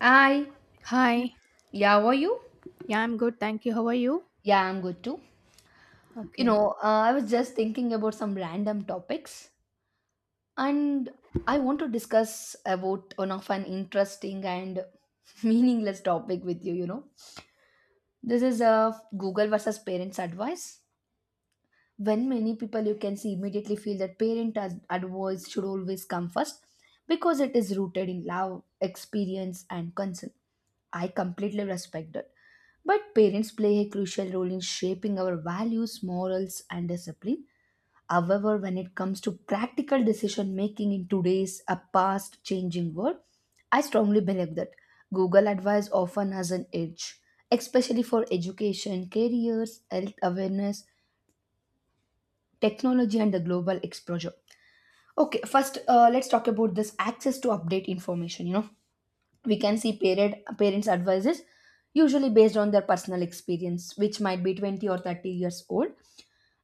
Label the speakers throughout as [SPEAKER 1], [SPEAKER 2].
[SPEAKER 1] Hi,
[SPEAKER 2] Hi.
[SPEAKER 1] yeah, how are you?
[SPEAKER 2] Yeah, I'm good. Thank you. How are you?
[SPEAKER 1] Yeah, I'm good too. You
[SPEAKER 2] Okay.
[SPEAKER 1] know, I was just thinking about some random topics, and I want to discuss about one of an interesting and meaningless topic with you. You know, this is Google versus parents' advice. When many people you can see immediately feel that advice should always come first because it is rooted in love, experience, and concern. I completely respect that. But parents play a crucial role in shaping our values, morals, and discipline. However, when it comes to practical decision making in today's a fast changing world, I strongly believe that Google advice often has an edge, especially for education, careers, health awareness, technology, and the global exposure. Okay, first, let's talk about this access to update information. You know, we can see parents advices usually based on their personal experience which might be 20 or 30 years old.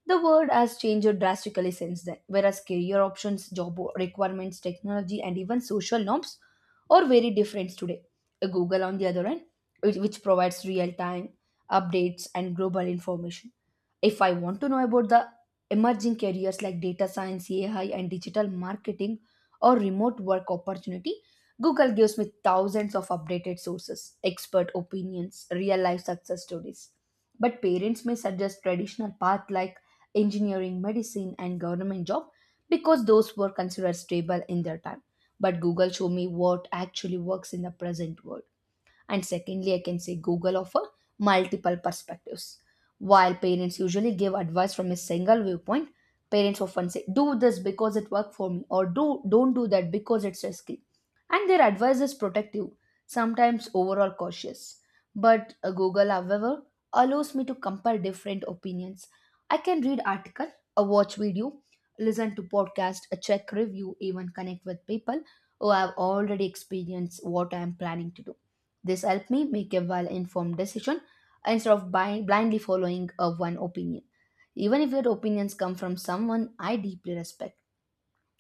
[SPEAKER 1] The world has changed drastically since then, whereas career options, job requirements, technology, and even social norms are very different today. Google, on the other hand, which provides real time updates and global information. If I want to know about the emerging careers like data science, AI, and digital marketing or remote work opportunity, Google gives me thousands of updated sources, expert opinions, real life success stories. But parents may suggest traditional path like engineering, medicine, and government job because those were considered stable in their time. But Google showed me what actually works in the present world. And secondly, I can say Google offer multiple perspectives. While parents usually give advice from a single viewpoint, parents often say, do this because it worked for me, or do don't do that because it's risky. And their advice is protective, sometimes overall cautious. But Google, however, allows me to compare different opinions. I can read article, a watch video, listen to podcast, a check review, even connect with people who have already experienced what I am planning to do. This helped me make a well-informed decision instead of blindly following a one opinion, even if that opinions come from someone I deeply respect.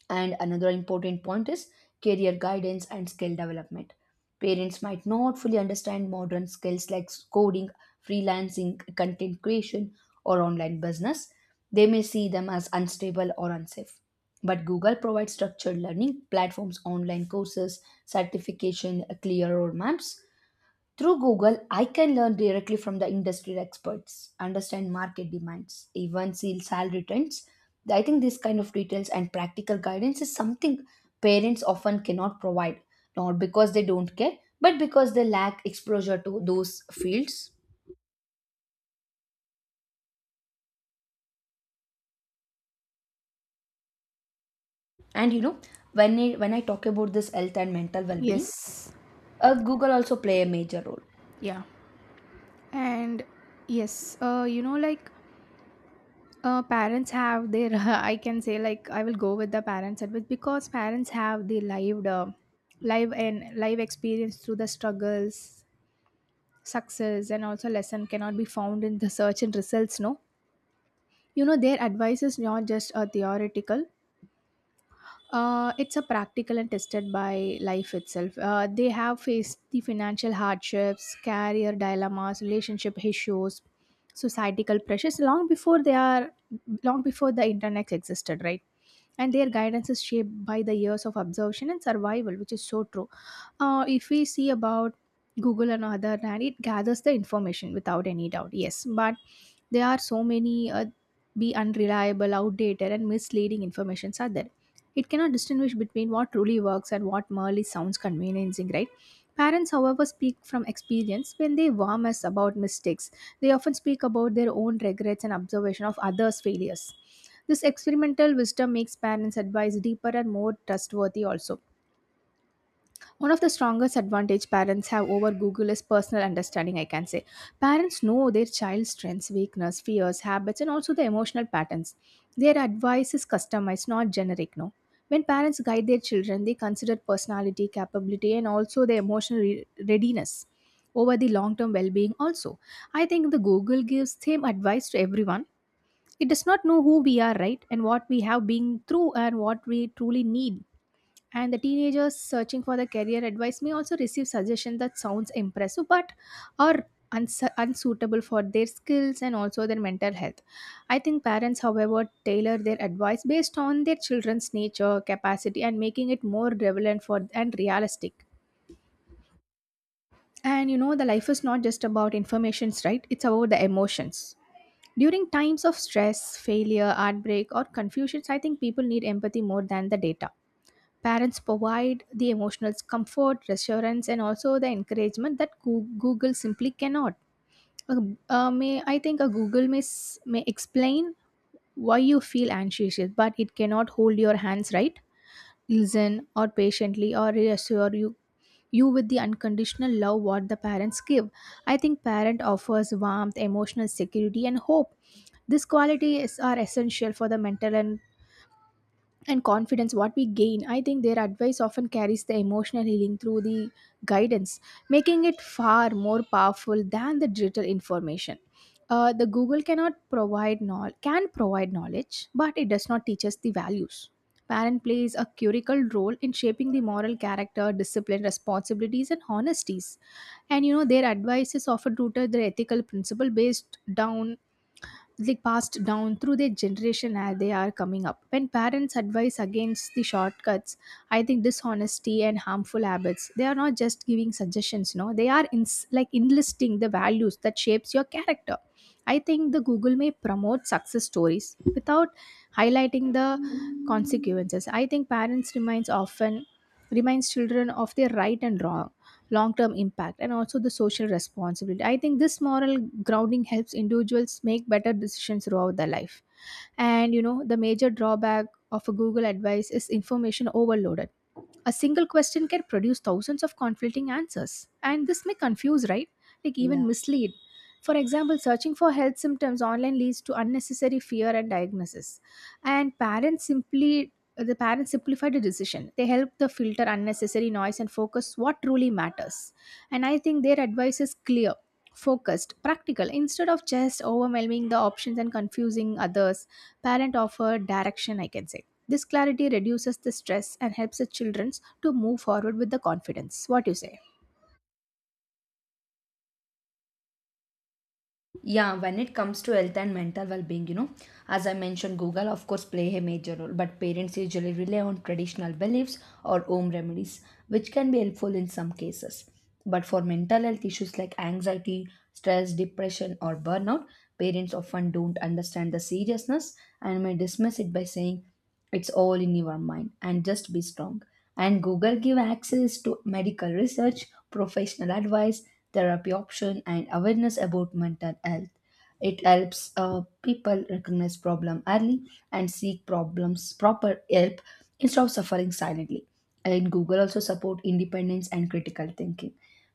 [SPEAKER 1] And another important point is career guidance and skill development. Parents might not fully understand modern skills like coding, freelancing, content creation, or online business. They may see them as unstable or unsafe. But Google provides structured learning platforms, online courses, certification, clear roadmaps. Through Google, I can learn directly from the industry experts, understand market demands, even see salary trends. I think this kind of details and practical guidance is something parents often cannot provide, not because they don't care, but because they lack exposure to those fields. And you know, when I talk about this health and mental well-being,
[SPEAKER 2] Yes.
[SPEAKER 1] Google also play a major role.
[SPEAKER 2] Yeah. And yes, you know, parents have their, I can say, like, I will go with the parents advice because parents have the lived, live and live experience through the struggles, success, and also lesson cannot be found in the search and results. No, you know, their advice is not just a theoretical. It's a practical and tested by life itself. They have faced the financial hardships, career dilemmas, relationship issues, societal pressures long before the internet existed, right? And their guidance is shaped by the years of observation and survival, which is so true. If we see about Google and other hand, it gathers the information without any doubt. Yes, but there are so many be unreliable, outdated, and misleading informations are there. It cannot distinguish between what truly works and what merely sounds conveniencing, right? Parents, however, speak from experience when they warn us about mistakes. They often speak about their own regrets and observation of others' failures. This experimental wisdom makes parents' advice deeper and more trustworthy. Also, one of the strongest advantage parents have over Google is personal understanding, I can say. Parents know their child's strengths, weakness, fears, habits, and also the emotional patterns. Their advice is customized, not generic, no. When parents guide their children, they consider personality, capability, and also their readiness over the long-term well-being also. I think the Google gives same advice to everyone. It does not know who we are, right? And what we have been through and what we truly need, and the teenagers searching for the career advice may also receive suggestions that sounds impressive but are unsuitable for their skills and also their mental health. I think parents however tailor their advice based on their children's nature, capacity, and making it more relevant for and realistic. And you know, the life is not just about informations, right? It's about the emotions. During times of stress, failure, heartbreak, or confusions, I think people need empathy more than the data. Parents provide the emotional comfort, reassurance, and also the encouragement that Google simply cannot. Uh, may I think a Google may, may explain why you feel anxious, but it cannot hold your hands, right, listen, or patiently, or reassure you with the unconditional love what the parents give. I think parent offers warmth, emotional security, and hope. These qualities are essential for the mental and confidence what we gain. I think their advice often carries the emotional healing through the guidance, making it far more powerful than the digital information. The google cannot provide knowledge Can provide knowledge, but it does not teach us the values. Parent plays a curical role in shaping the moral character, discipline, responsibilities, and honesties. And you know, their advice is often rooted their ethical principle based down, like passed down through their generation as they are coming up. When parents advise against the shortcuts, I think dishonesty and harmful habits, they are not just giving suggestions, no, they are like enlisting the values that shapes your character. I think the google may promote success stories without highlighting the consequences. I think parents reminds often reminds children of their right and wrong, long term impact, and also the social responsibility. I think this moral grounding helps individuals make better decisions throughout their life. And you know, the major drawback of a google advice is information overloaded. A single question can produce thousands of conflicting answers, and this may confuse, right, like
[SPEAKER 1] Yeah.
[SPEAKER 2] even mislead. For example, searching for health symptoms online leads to unnecessary fear and diagnosis. And parents simplify the decision, they help the filter unnecessary noise and focus what truly matters. And I think their advice is clear, focused, practical, instead of just overwhelming the options and confusing others. Parent offered direction, I can say. This clarity reduces the stress and helps the children to move forward with the confidence, what you say.
[SPEAKER 1] Yeah, when it comes to health and mental well-being, you know, as I mentioned, Google of course play a major role, but parents usually rely on traditional beliefs or home remedies, which can be helpful in some cases. But for mental health issues like anxiety, stress, depression, or burnout, parents often don't understand the seriousness and may dismiss it by saying it's all in your mind and just be strong. And Google give access to medical research, professional advice, therapy option, and awareness about mental health. It helps people recognize problem early and seek problems proper help instead of suffering silently. And Google also support independence and critical thinking.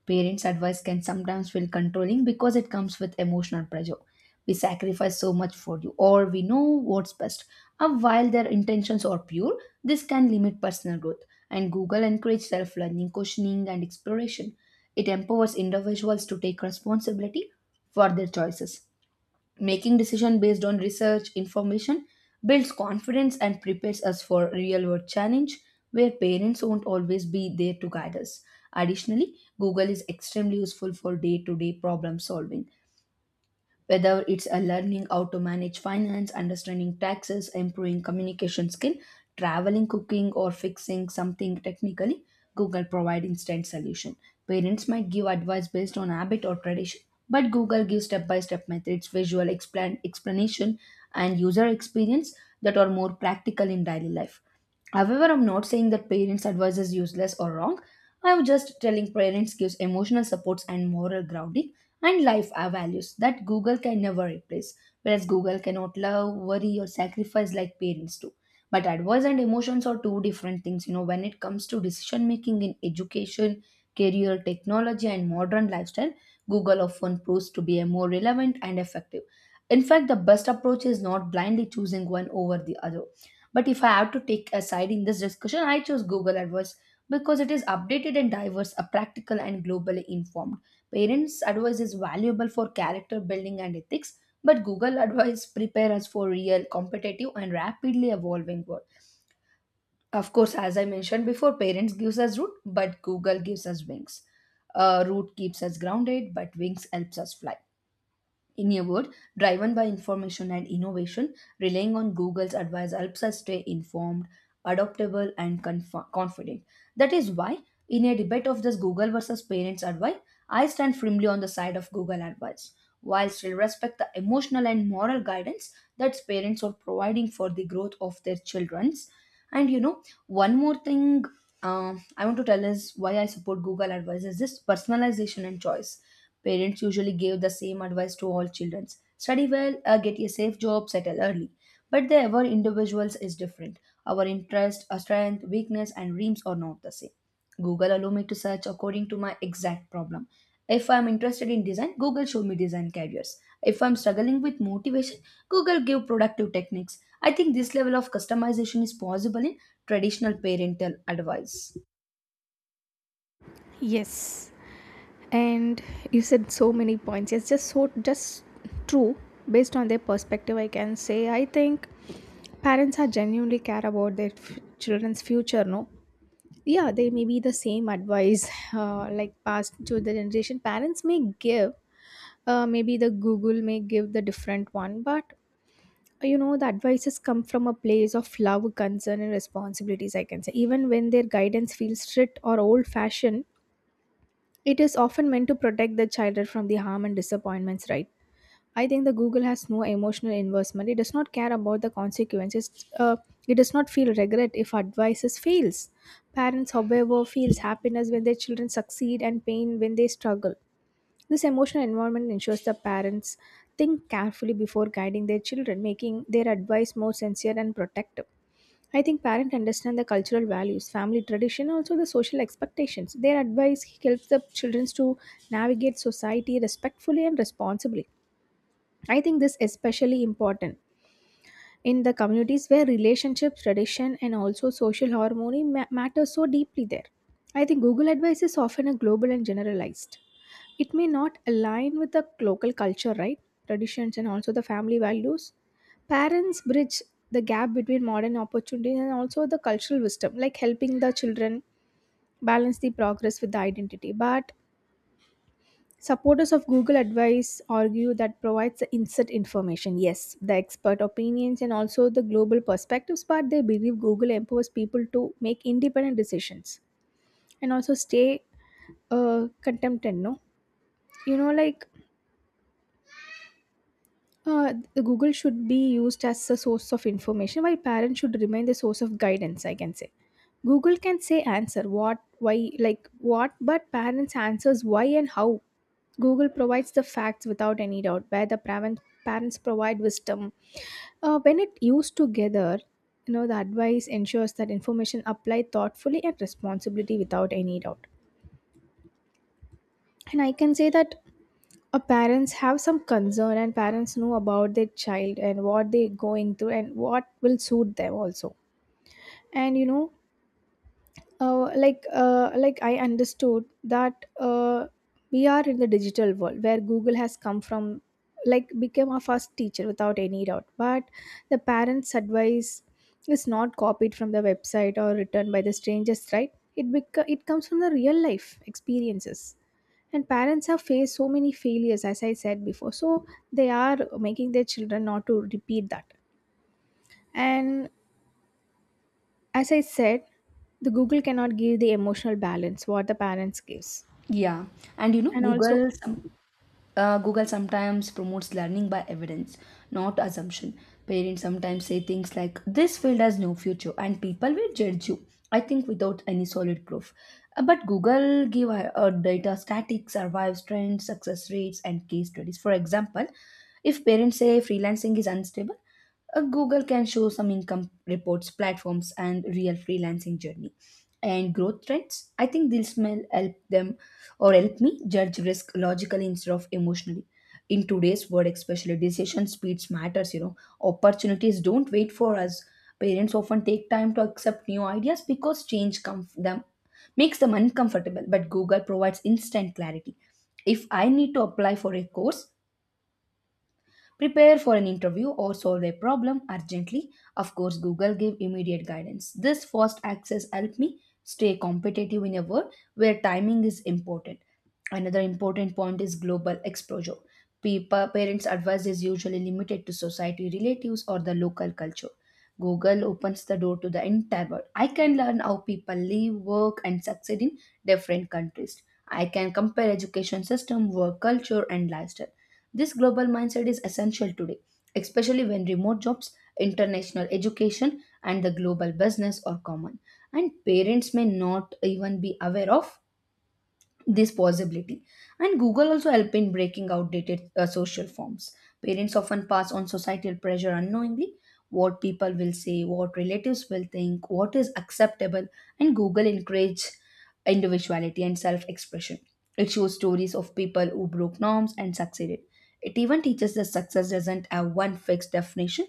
[SPEAKER 1] Parents advice can sometimes feel controlling because it comes with emotional pressure. We sacrifice so much for you or we know what's best. While their intentions are pure, this can limit personal growth, and Google encourages self learning, questioning, and exploration. It empowers individuals to take responsibility for their choices. Making decisions based on research information builds confidence and prepares us for real world challenge where parents won't always be there to guide us. Additionally, Google is extremely useful for day to day problem solving. Whether it's a learning how to manage finance, understanding taxes, improving communication skill, traveling, cooking, or fixing something technically, Google provide instant solution. Parents might give advice based on habit or tradition, but Google gives step-by-step methods, visual explanation, and user experience that are more practical in daily life. However, I'm not saying that parents' advice is useless or wrong. I'm just telling parents gives emotional supports and moral grounding and life our values that Google can never replace. Whereas Google cannot love, worry, or sacrifice like parents do. But advice and emotions are two different things. You know, when it comes to decision making in education, career, technology, and modern lifestyle, Google often proves to be a more relevant and effective. In fact, the best approach is not blindly choosing one over the other, but if I have to take a side in this discussion, I choose Google AdWords because it is updated and diverse, a practical and globally informed. Parents' advice is valuable for character building and ethics, but Google advice prepare us for real, competitive, and rapidly evolving world. Of course, as I mentioned before, parents gives us root, but Google gives us wings. Root keeps us grounded, but wings helps us fly. In a word, driven by information and innovation, relying on Google's advice helps us stay informed, adaptable, and confident. That is why, in a debate of this Google versus parents' advice, I stand firmly on the side of Google advice, while still respect the emotional and moral guidance that parents are providing for the growth of their childrens. And you know, one more thing I want to tell is why I support Google advice is this personalization and choice. Parents usually gave the same advice to all children: study well, get a safe job, settle early. But the our individuals is different. Our interest, our strength, weakness, and dreams are not the same. Google allow me to search according to my exact problem. If I'm interested in design, Google show me design careers. If I'm struggling with motivation, Google give productive techniques. I think this level of customization is possible in traditional parental advice.
[SPEAKER 2] Yes, and you said so many points. It's just so just true. Based on their perspective, I can say I think parents are genuinely care about their children's future. No, yeah, they may be the same advice like passed to the generation. Parents may give, maybe the Google may give the different one, but you know the advices come from a place of love, concern, and responsibilities, I can say. Even when their guidance feels strict or old fashioned, it is often meant to protect the child from the harm and disappointments, right? I think the Google has no emotional investment. It does not care about the consequences. It does not feel regret if advices fails. Parents, however, feels happiness when their children succeed and pain when they struggle. This emotional environment ensures the parents think carefully before guiding their children, making their advice more sincere and protective. I think parents understand the cultural values, family tradition, also the social expectations. Their advice helps the children to navigate society respectfully and responsibly. I think this especially important in the communities where relationships, tradition, and also social harmony matter so deeply there. I think Google advice is often a global and generalized. It may not align with the local culture, right? Traditions and also the family values. Parents bridge the gap between modern opportunities and also the cultural wisdom, like helping the children balance the progress with the identity. But supporters of Google Advice argue that provides the instant information, yes, the expert opinions and also the global perspectives, but they believe Google empowers people to make independent decisions and also stay contented, no? You know, the Google should be used as a source of information while parents should remain the source of guidance, I can say. Google can say answer what, why, like what, but parents answers why and how. Google provides the facts without any doubt, where parents provide wisdom. When it used together, you know the advice ensures that information applied thoughtfully and responsibility without any doubt. And I can say that parents have some concern, and parents know about their child and what they're going through and what will suit them also. And you know, I understood that we are in the digital world where google has come from, like became our first teacher without any doubt. But the parents advice is not copied from the website or written by the strangers, right? It comes from the real life experiences, and parents have faced so many failures as I said before, so they are making their children not to repeat that. And as I said, the Google cannot give the emotional balance what the parents gives.
[SPEAKER 1] Yeah, and you know,
[SPEAKER 2] And also,
[SPEAKER 1] Google sometimes promotes learning by evidence, not assumption. Parents sometimes say things like, this field has no future, and people will judge you, I think, without any solid proof. But Google give data statics, survives trends, success rates, and case studies. For example, if parents say freelancing is unstable, Google can show some income reports, platforms, and real freelancing journey and growth trends. I think this may help them or help me judge risk logically instead of emotionally. In today's world, especially decision speeds matters, you know. Opportunities don't wait for us. Parents often take time to accept new ideas because change comf- them makes them uncomfortable, but Google provides instant clarity. If I need to apply for a course, prepare for an interview or solve a problem urgently. Of course, Google gave immediate guidance. This fast access helped me stay competitive in a world where timing is important. Another important point is global exposure. People, parents' advice is usually limited to society, relatives, or the local culture. Google opens the door to the entire world. I can learn how people live, work, and succeed in different countries. I can compare education system, work culture, and lifestyle. This global mindset is essential today, especially when remote jobs, international education, and the global business are common. And parents may not even be aware of this possibility. And Google also help in breaking outdated social forms. Parents often pass on societal pressure unknowingly: what people will say, what relatives will think, what is acceptable. And Google encourage individuality and self-expression. It shows stories of people who broke norms and succeeded. It even teaches that success doesn't have one fixed definition.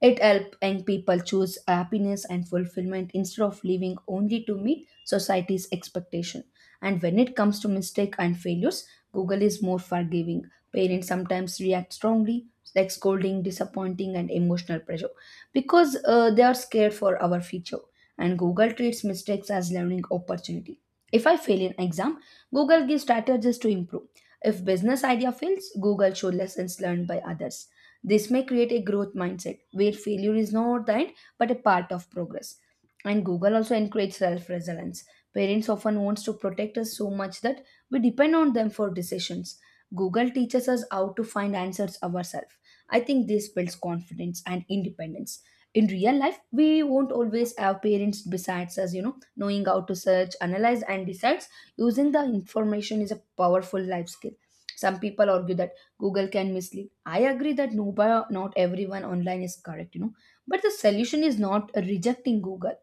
[SPEAKER 1] It helps young people choose happiness and fulfillment instead of living only to meet society's expectation. And when it comes to mistake and failures, Google is more forgiving. Parents sometimes react strongly, like scolding, disappointing, and emotional pressure, because they are scared for our future. And Google treats mistakes as learning opportunity. If I fail an exam, Google gives strategies to improve. If business idea fails, Google shows lessons learned by others. This may create a growth mindset where failure is not the end but a part of progress. And Google also encourages self-resilience. Parents often wants to protect us so much that we depend on them for decisions. Google teaches us how to find answers ourselves. I think this builds confidence and independence. In real life, we won't always have parents besides us, you know, knowing how to search, analyze, and decide using the information is a powerful life skill. Some people argue that Google can mislead. I agree that no, but not everyone online is correct, you know. But the solution is not rejecting Google.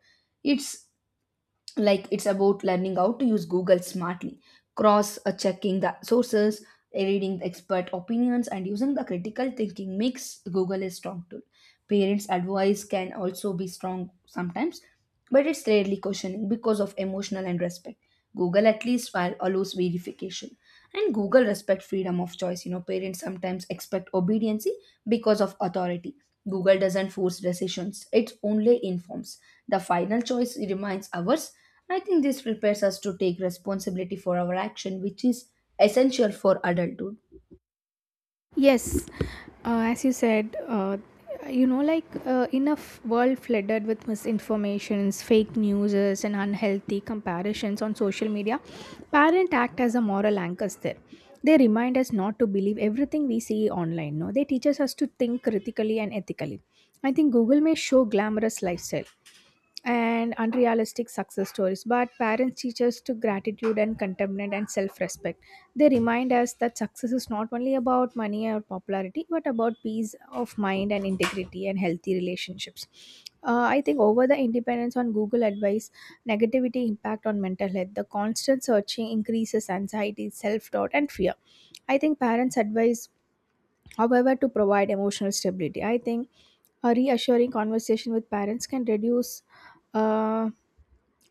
[SPEAKER 1] It's it's about learning how to use Google smartly, cross checking the sources, reading the expert opinions, and using the critical thinking makes Google a strong tool. Parents advice can also be strong sometimes, but it's rarely questioning because of emotional and respect. Google at least while allows verification, and Google respect freedom of choice. Parents sometimes expect obedience because of authority. Google doesn't force decisions, it only informs. The final choice remains ours. I think this prepares us to take responsibility for our action, which is essential for adulthood.
[SPEAKER 2] yes, as you said, you know, in a world flooded with misinformations, fake news, and unhealthy comparisons on social media, parents act as a moral anchors there. They remind us not to believe everything we see online. No, they teach us to think critically and ethically. I think Google may show glamorous lifestyle and unrealistic success stories, but parents teach us to gratitude and contentment and self-respect. They remind us that success is not only about money or popularity, but about peace of mind and integrity and healthy relationships. I think over the independence on Google advice, negativity impact on mental health, the constant searching increases anxiety, self doubt, and fear. I think parents advise, however, to provide emotional stability. I think a reassuring conversation with parents can reduce. Uh,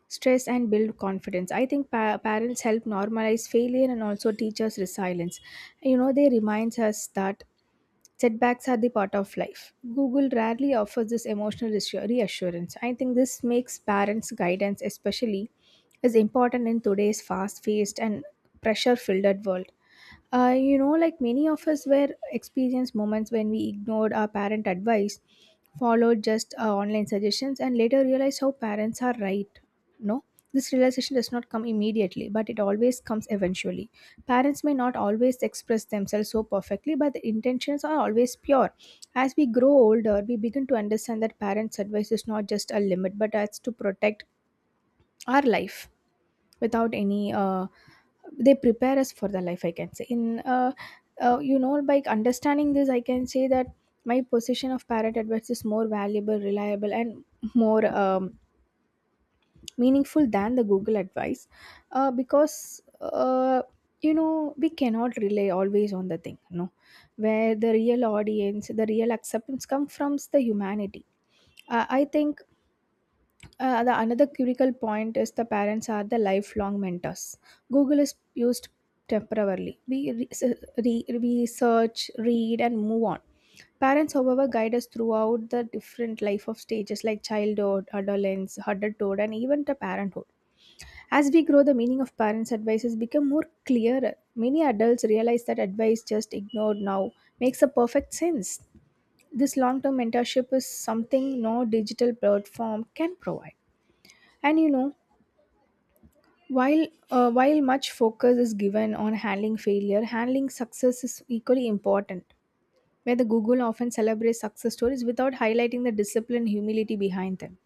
[SPEAKER 2] Stress and build confidence. I think parents help normalize failure and also teach us resilience. You know, they reminds us that setbacks are the part of life. Google rarely offers this emotional reassurance. I think this makes parents guidance especially is important in today's fast-paced and pressure-filled world. You know, like many of us were experienced moments when we ignored our parent advice, followed just online suggestions and later realized how parents are right. No, this realization does not come immediately, but it always comes eventually. Parents may not always express themselves so perfectly, but the intentions are always pure. As we grow older, we begin to understand that parents advice is not just a limit but as to protect our life without any they prepare us for the life, I can say. In, you know, by understanding this, I can say that my position of parent advice is more valuable, reliable, and more meaningful than the Google advice. Because, you know, we cannot rely always on the thing. No, where the real audience, the real acceptance come from the humanity. I think the another critical point is the parents are the lifelong mentors. Google is used temporarily. We re- se- re- We search, read, and move on. Parents, however, guide us throughout the different life of stages like childhood, adolescence, adulthood, and even the parenthood. As we grow, the meaning of parents' advice has become more clearer. Many adults realize that advice just ignored now makes a perfect sense. This long-term mentorship is something no digital platform can provide. And, you know, while much focus is given on handling failure, handling success is equally important. Where the Google often celebrates success stories without highlighting the discipline and humility behind them.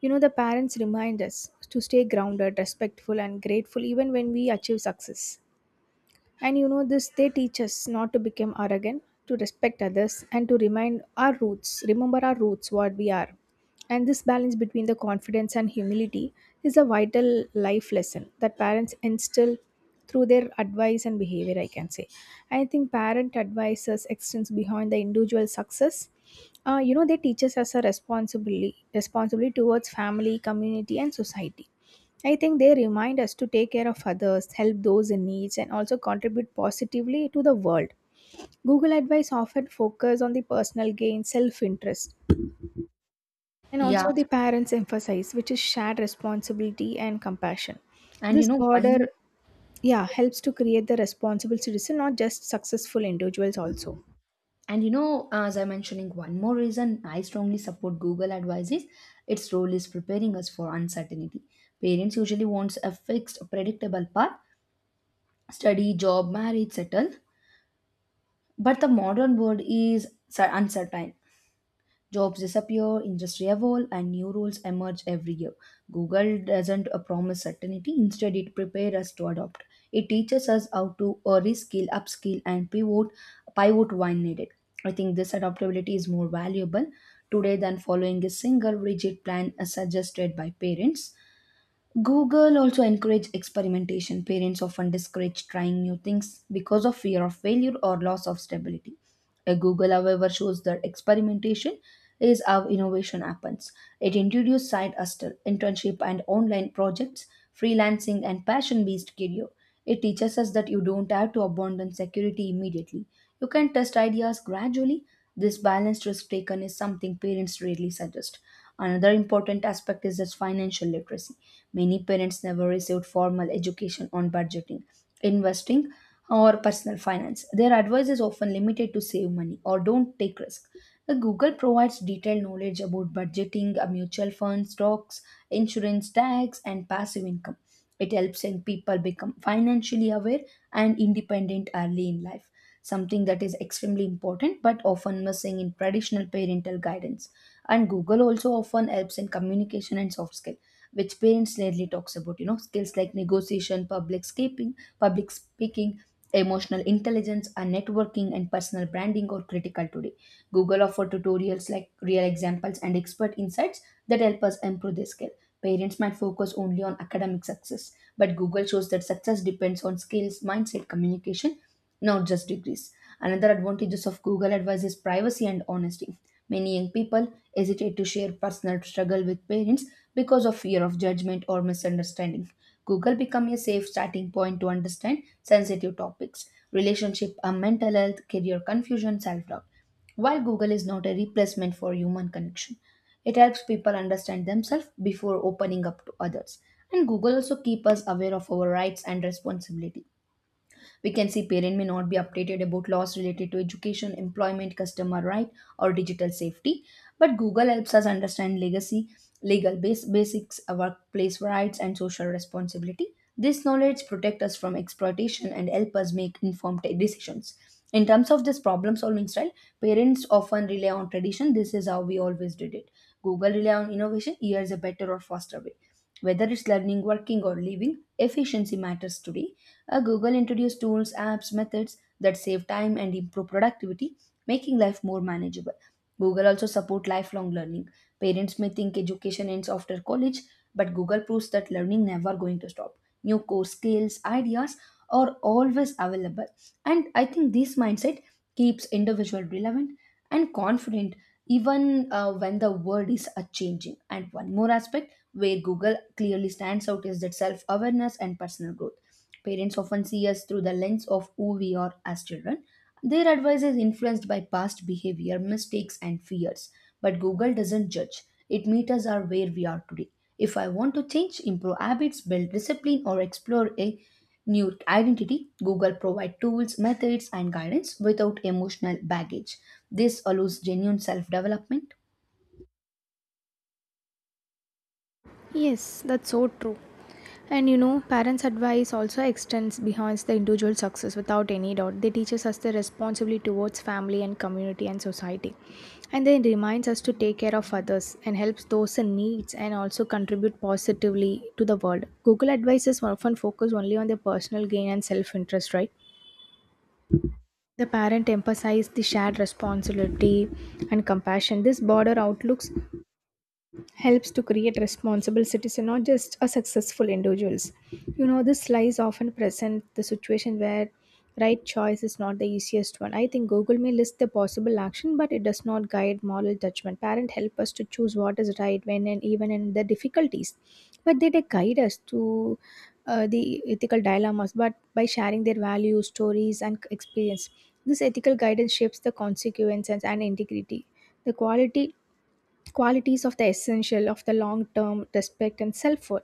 [SPEAKER 2] You know, the parents remind us to stay grounded, respectful, and grateful even when we achieve success. And you know this, they teach us not to become arrogant, to respect others, and to remind our roots, remember our roots, what we are. And this balance between the confidence and humility is a vital life lesson that parents instill through their advice and behavior, I can say. I think parent advices extends behind the individual success. You know, they teach us as a responsibility towards family, community, and society. I think they remind us to take care of others, help those in need, and also contribute positively to the world. Google advice often focus on the personal gain, self-interest, and
[SPEAKER 1] Yeah,
[SPEAKER 2] also
[SPEAKER 1] yes.
[SPEAKER 2] the parents emphasize, which is shared responsibility and compassion.
[SPEAKER 1] and you
[SPEAKER 2] This
[SPEAKER 1] know
[SPEAKER 2] border,
[SPEAKER 1] one,
[SPEAKER 2] yeah, helps to create the responsible citizen, not just successful individuals also.
[SPEAKER 1] and as I'm mentioning one more reason, I strongly support Google advises. Its role is preparing us for uncertainty. Parents usually wants a fixed, predictable path: study, job, marriage, settle. But the modern world is uncertain. Jobs disappear, industry evolve, and new roles emerge every year. Google doesn't promise certainty; instead, it prepares us to adopt. It teaches us how to reskill, upskill, and pivot when needed. I think this adaptability is more valuable today than following a single rigid plan as suggested by parents. Google also encourages experimentation. Parents often discourage trying new things because of fear of failure or loss of stability. A Google, however, shows that experimentation is how innovation happens. It introduces side hustle, internship and online projects, freelancing and passion-based career. It teaches us that you don't have to abandon security immediately. You can test ideas gradually. This balanced risk taken is something parents rarely suggest. Another important aspect is that financial literacy. Many parents never received formal education on budgeting, investing, or personal finance. Their advice is often limited to save money or don't take risk. The Google provides detailed knowledge about budgeting, mutual funds, stocks, insurance, tax, and passive income. It helps young people become financially aware and independent early in life, something that is extremely important but often missing in traditional parental guidance. And Google also often helps in communication and soft skill, which parents rarely talks about. You know, skills like negotiation, public speaking, emotional intelligence, and networking and personal branding are critical today. Google offer tutorials like real examples and expert insights that help us improve this skill. Parents might focus only on academic success, but Google shows that success depends on skills, mindset, communication, not just degrees. Another advantages of Google Advice is privacy and honesty. Many young people hesitate to share personal struggle with parents because of fear of judgment or misunderstanding. Google become a safe starting point to understand sensitive topics, relationship, and mental health, career confusion, self-doubt. While Google is not a replacement for human connection, it helps people understand themselves before opening up to others. And Google also keep us aware of our rights and responsibility. We can see parent may not be updated about laws related to education, employment, customer right, or digital safety. But Google helps us understand legacy, legal base, basics, workplace rights, and social responsibility. This knowledge protect us from exploitation and help us make informed decisions. In terms of this problem solving style, parents often rely on tradition. This is how we always did it. Google rely on innovation. Here is a better or faster way. Whether it's learning, working, or living, efficiency matters today. Google introduced tools, apps, methods that save time and improve productivity, making life more manageable. Google also support lifelong learning. Parents may think education ends after college, but Google proves that learning never going to stop. New course skills, ideas are always available. And I think this mindset keeps individual relevant and confident even when the world is a changing. And one more aspect where Google clearly stands out is that self awareness and personal growth. Parents often see us through the lens of who we are as children. Their advice is influenced by past behavior, mistakes, and fears. But Google doesn't judge, it meets us are where we are today. If I want to change, improve habits, build discipline, or explore a new identity, Google provides tools, methods, and guidance without emotional baggage. This allows genuine self development.
[SPEAKER 2] Yes, that's so true. And you know, parents' advice also extends beyond the individual success without any doubt. They teach us the responsibility towards family and community and society. And they reminds us to take care of others and helps those in needs and also contribute positively to the world. Google advices often focus only on their personal gain and self-interest, right? The parent emphasized the shared responsibility and compassion. This broader outlooks helps to create responsible citizens, not just a successful individuals. You know, this lies often present the situation where right choice is not the easiest one. I think Google may list the possible action, but it does not guide moral judgment. Parents help us to choose what is right when and even in the difficulties, but they guide us to the ethical dilemmas. But by sharing their values, stories, and experience, this ethical guidance shapes the consequences and integrity. The quality qualities of the essential of the long term respect and self worth,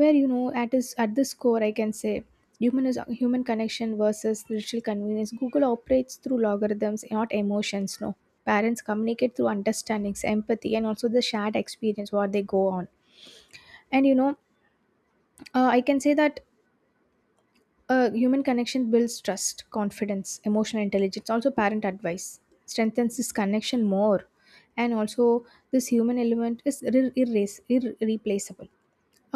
[SPEAKER 2] where you know, at this core, I can say human is human connection versus digital convenience. Google operates through logarithms, not emotions. No, parents communicate through understandings, empathy, and also the shared experience what they go on. And you know I can say that human connection builds trust, confidence, emotional intelligence. Also, parent advice strengthens this connection more, and also this human element is irreplaceable.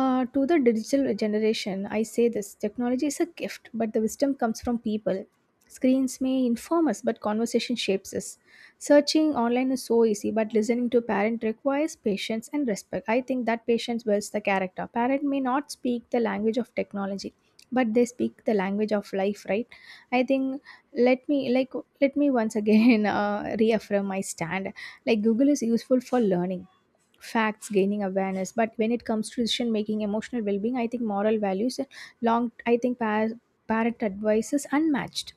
[SPEAKER 2] To the digital generation, I say this technology is a gift, but the wisdom comes from people. Screens may inform us, but conversation shapes us. Searching online is so easy, but listening to a parent requires patience and respect. I think that patience builds the character. Parent may not speak the language of technology, but they speak the language of life, right? I think let me like let me once again reaffirm my stand. Like Google is useful for learning facts, gaining awareness, but when it comes to decision making, emotional well-being, I think moral values and long I think par- parent advice is unmatched.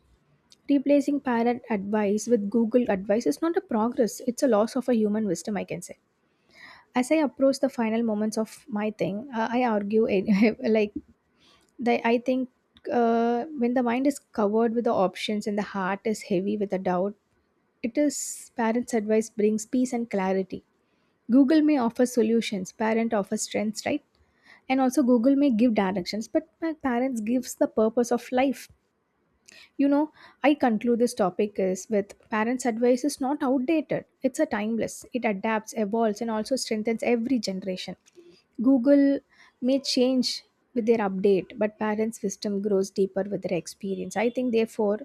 [SPEAKER 2] Replacing parent advice with Google advice is not a progress. It's a loss of a human wisdom, I can say. As I approach the final moments of my thing, I argue like the, I think when the mind is covered with the options and the heart is heavy with the doubt, it is parents advice brings peace and clarity. Google may offer solutions, parent offers trends, right? And also Google may give directions, but my parents gives the purpose of life. You know, I conclude this topic is with parents' advice is not outdated. It's a timeless. It adapts, evolves, and also strengthens every generation. Google may change with their update, but parents' wisdom grows deeper with their experience. I think therefore,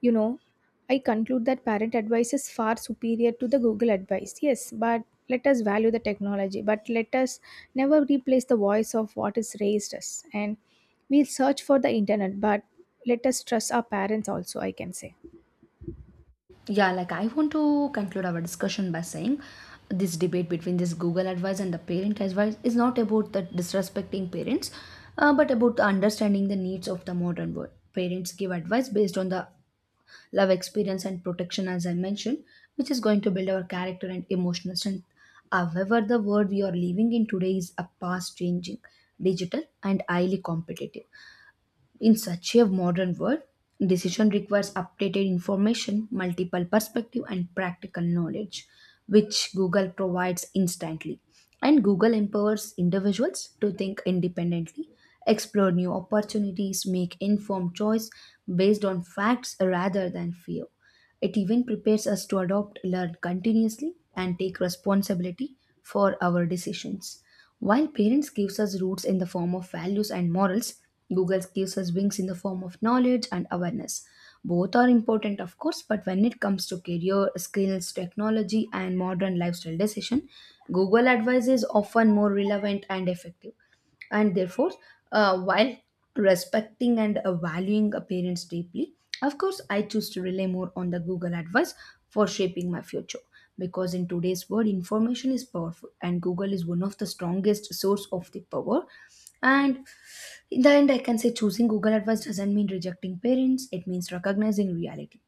[SPEAKER 2] you know, I conclude that parent advice is far superior to the Google advice. Yes, but let us value the technology, but let us never replace the voice of what is raised us. And we'll search for the internet, but let us trust our parents also, I can say.
[SPEAKER 1] Yeah, like I want to conclude our discussion by saying this debate between this Google advice and the parent advice is not about the disrespecting parents, but about the understanding the needs of the modern world. Parents give advice based on the love experience and protection, as I mentioned, which is going to build our character and emotional strength. However, the world we are living in today is a fast changing, digital, and highly competitive. In such a modern world, decision requires updated information, multiple perspective and practical knowledge which Google provides instantly. And Google empowers individuals to think independently, explore new opportunities, make informed choice based on facts rather than fear. It even prepares us to adopt, learn continuously, and take responsibility for our decisions. While parents gives us roots in the form of values and morals, Google gives us wings in the form of knowledge and awareness. Both are important, of course, but when it comes to career, skills, technology, and modern lifestyle decision, Google advice is often more relevant and effective, and therefore while respecting and valuing a parents deeply, of course I choose to rely more on the Google advice for shaping my future, because in today's world information is powerful and Google is one of the strongest source of the power. And in the end I can say choosing Google advice doesn't mean rejecting parents, it means recognizing reality.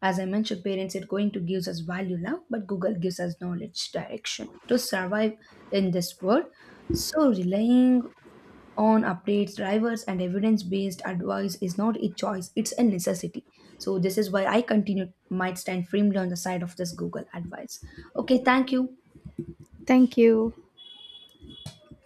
[SPEAKER 1] As I mentioned, parents are going to give us value love, but Google gives us knowledge direction to survive in this world. So relying on updates, drivers, and evidence based advice is not a choice, it's a necessity. So, this is why I continue, might stand firmly on the side of this Google advice. Okay, thank you.
[SPEAKER 2] Thank you.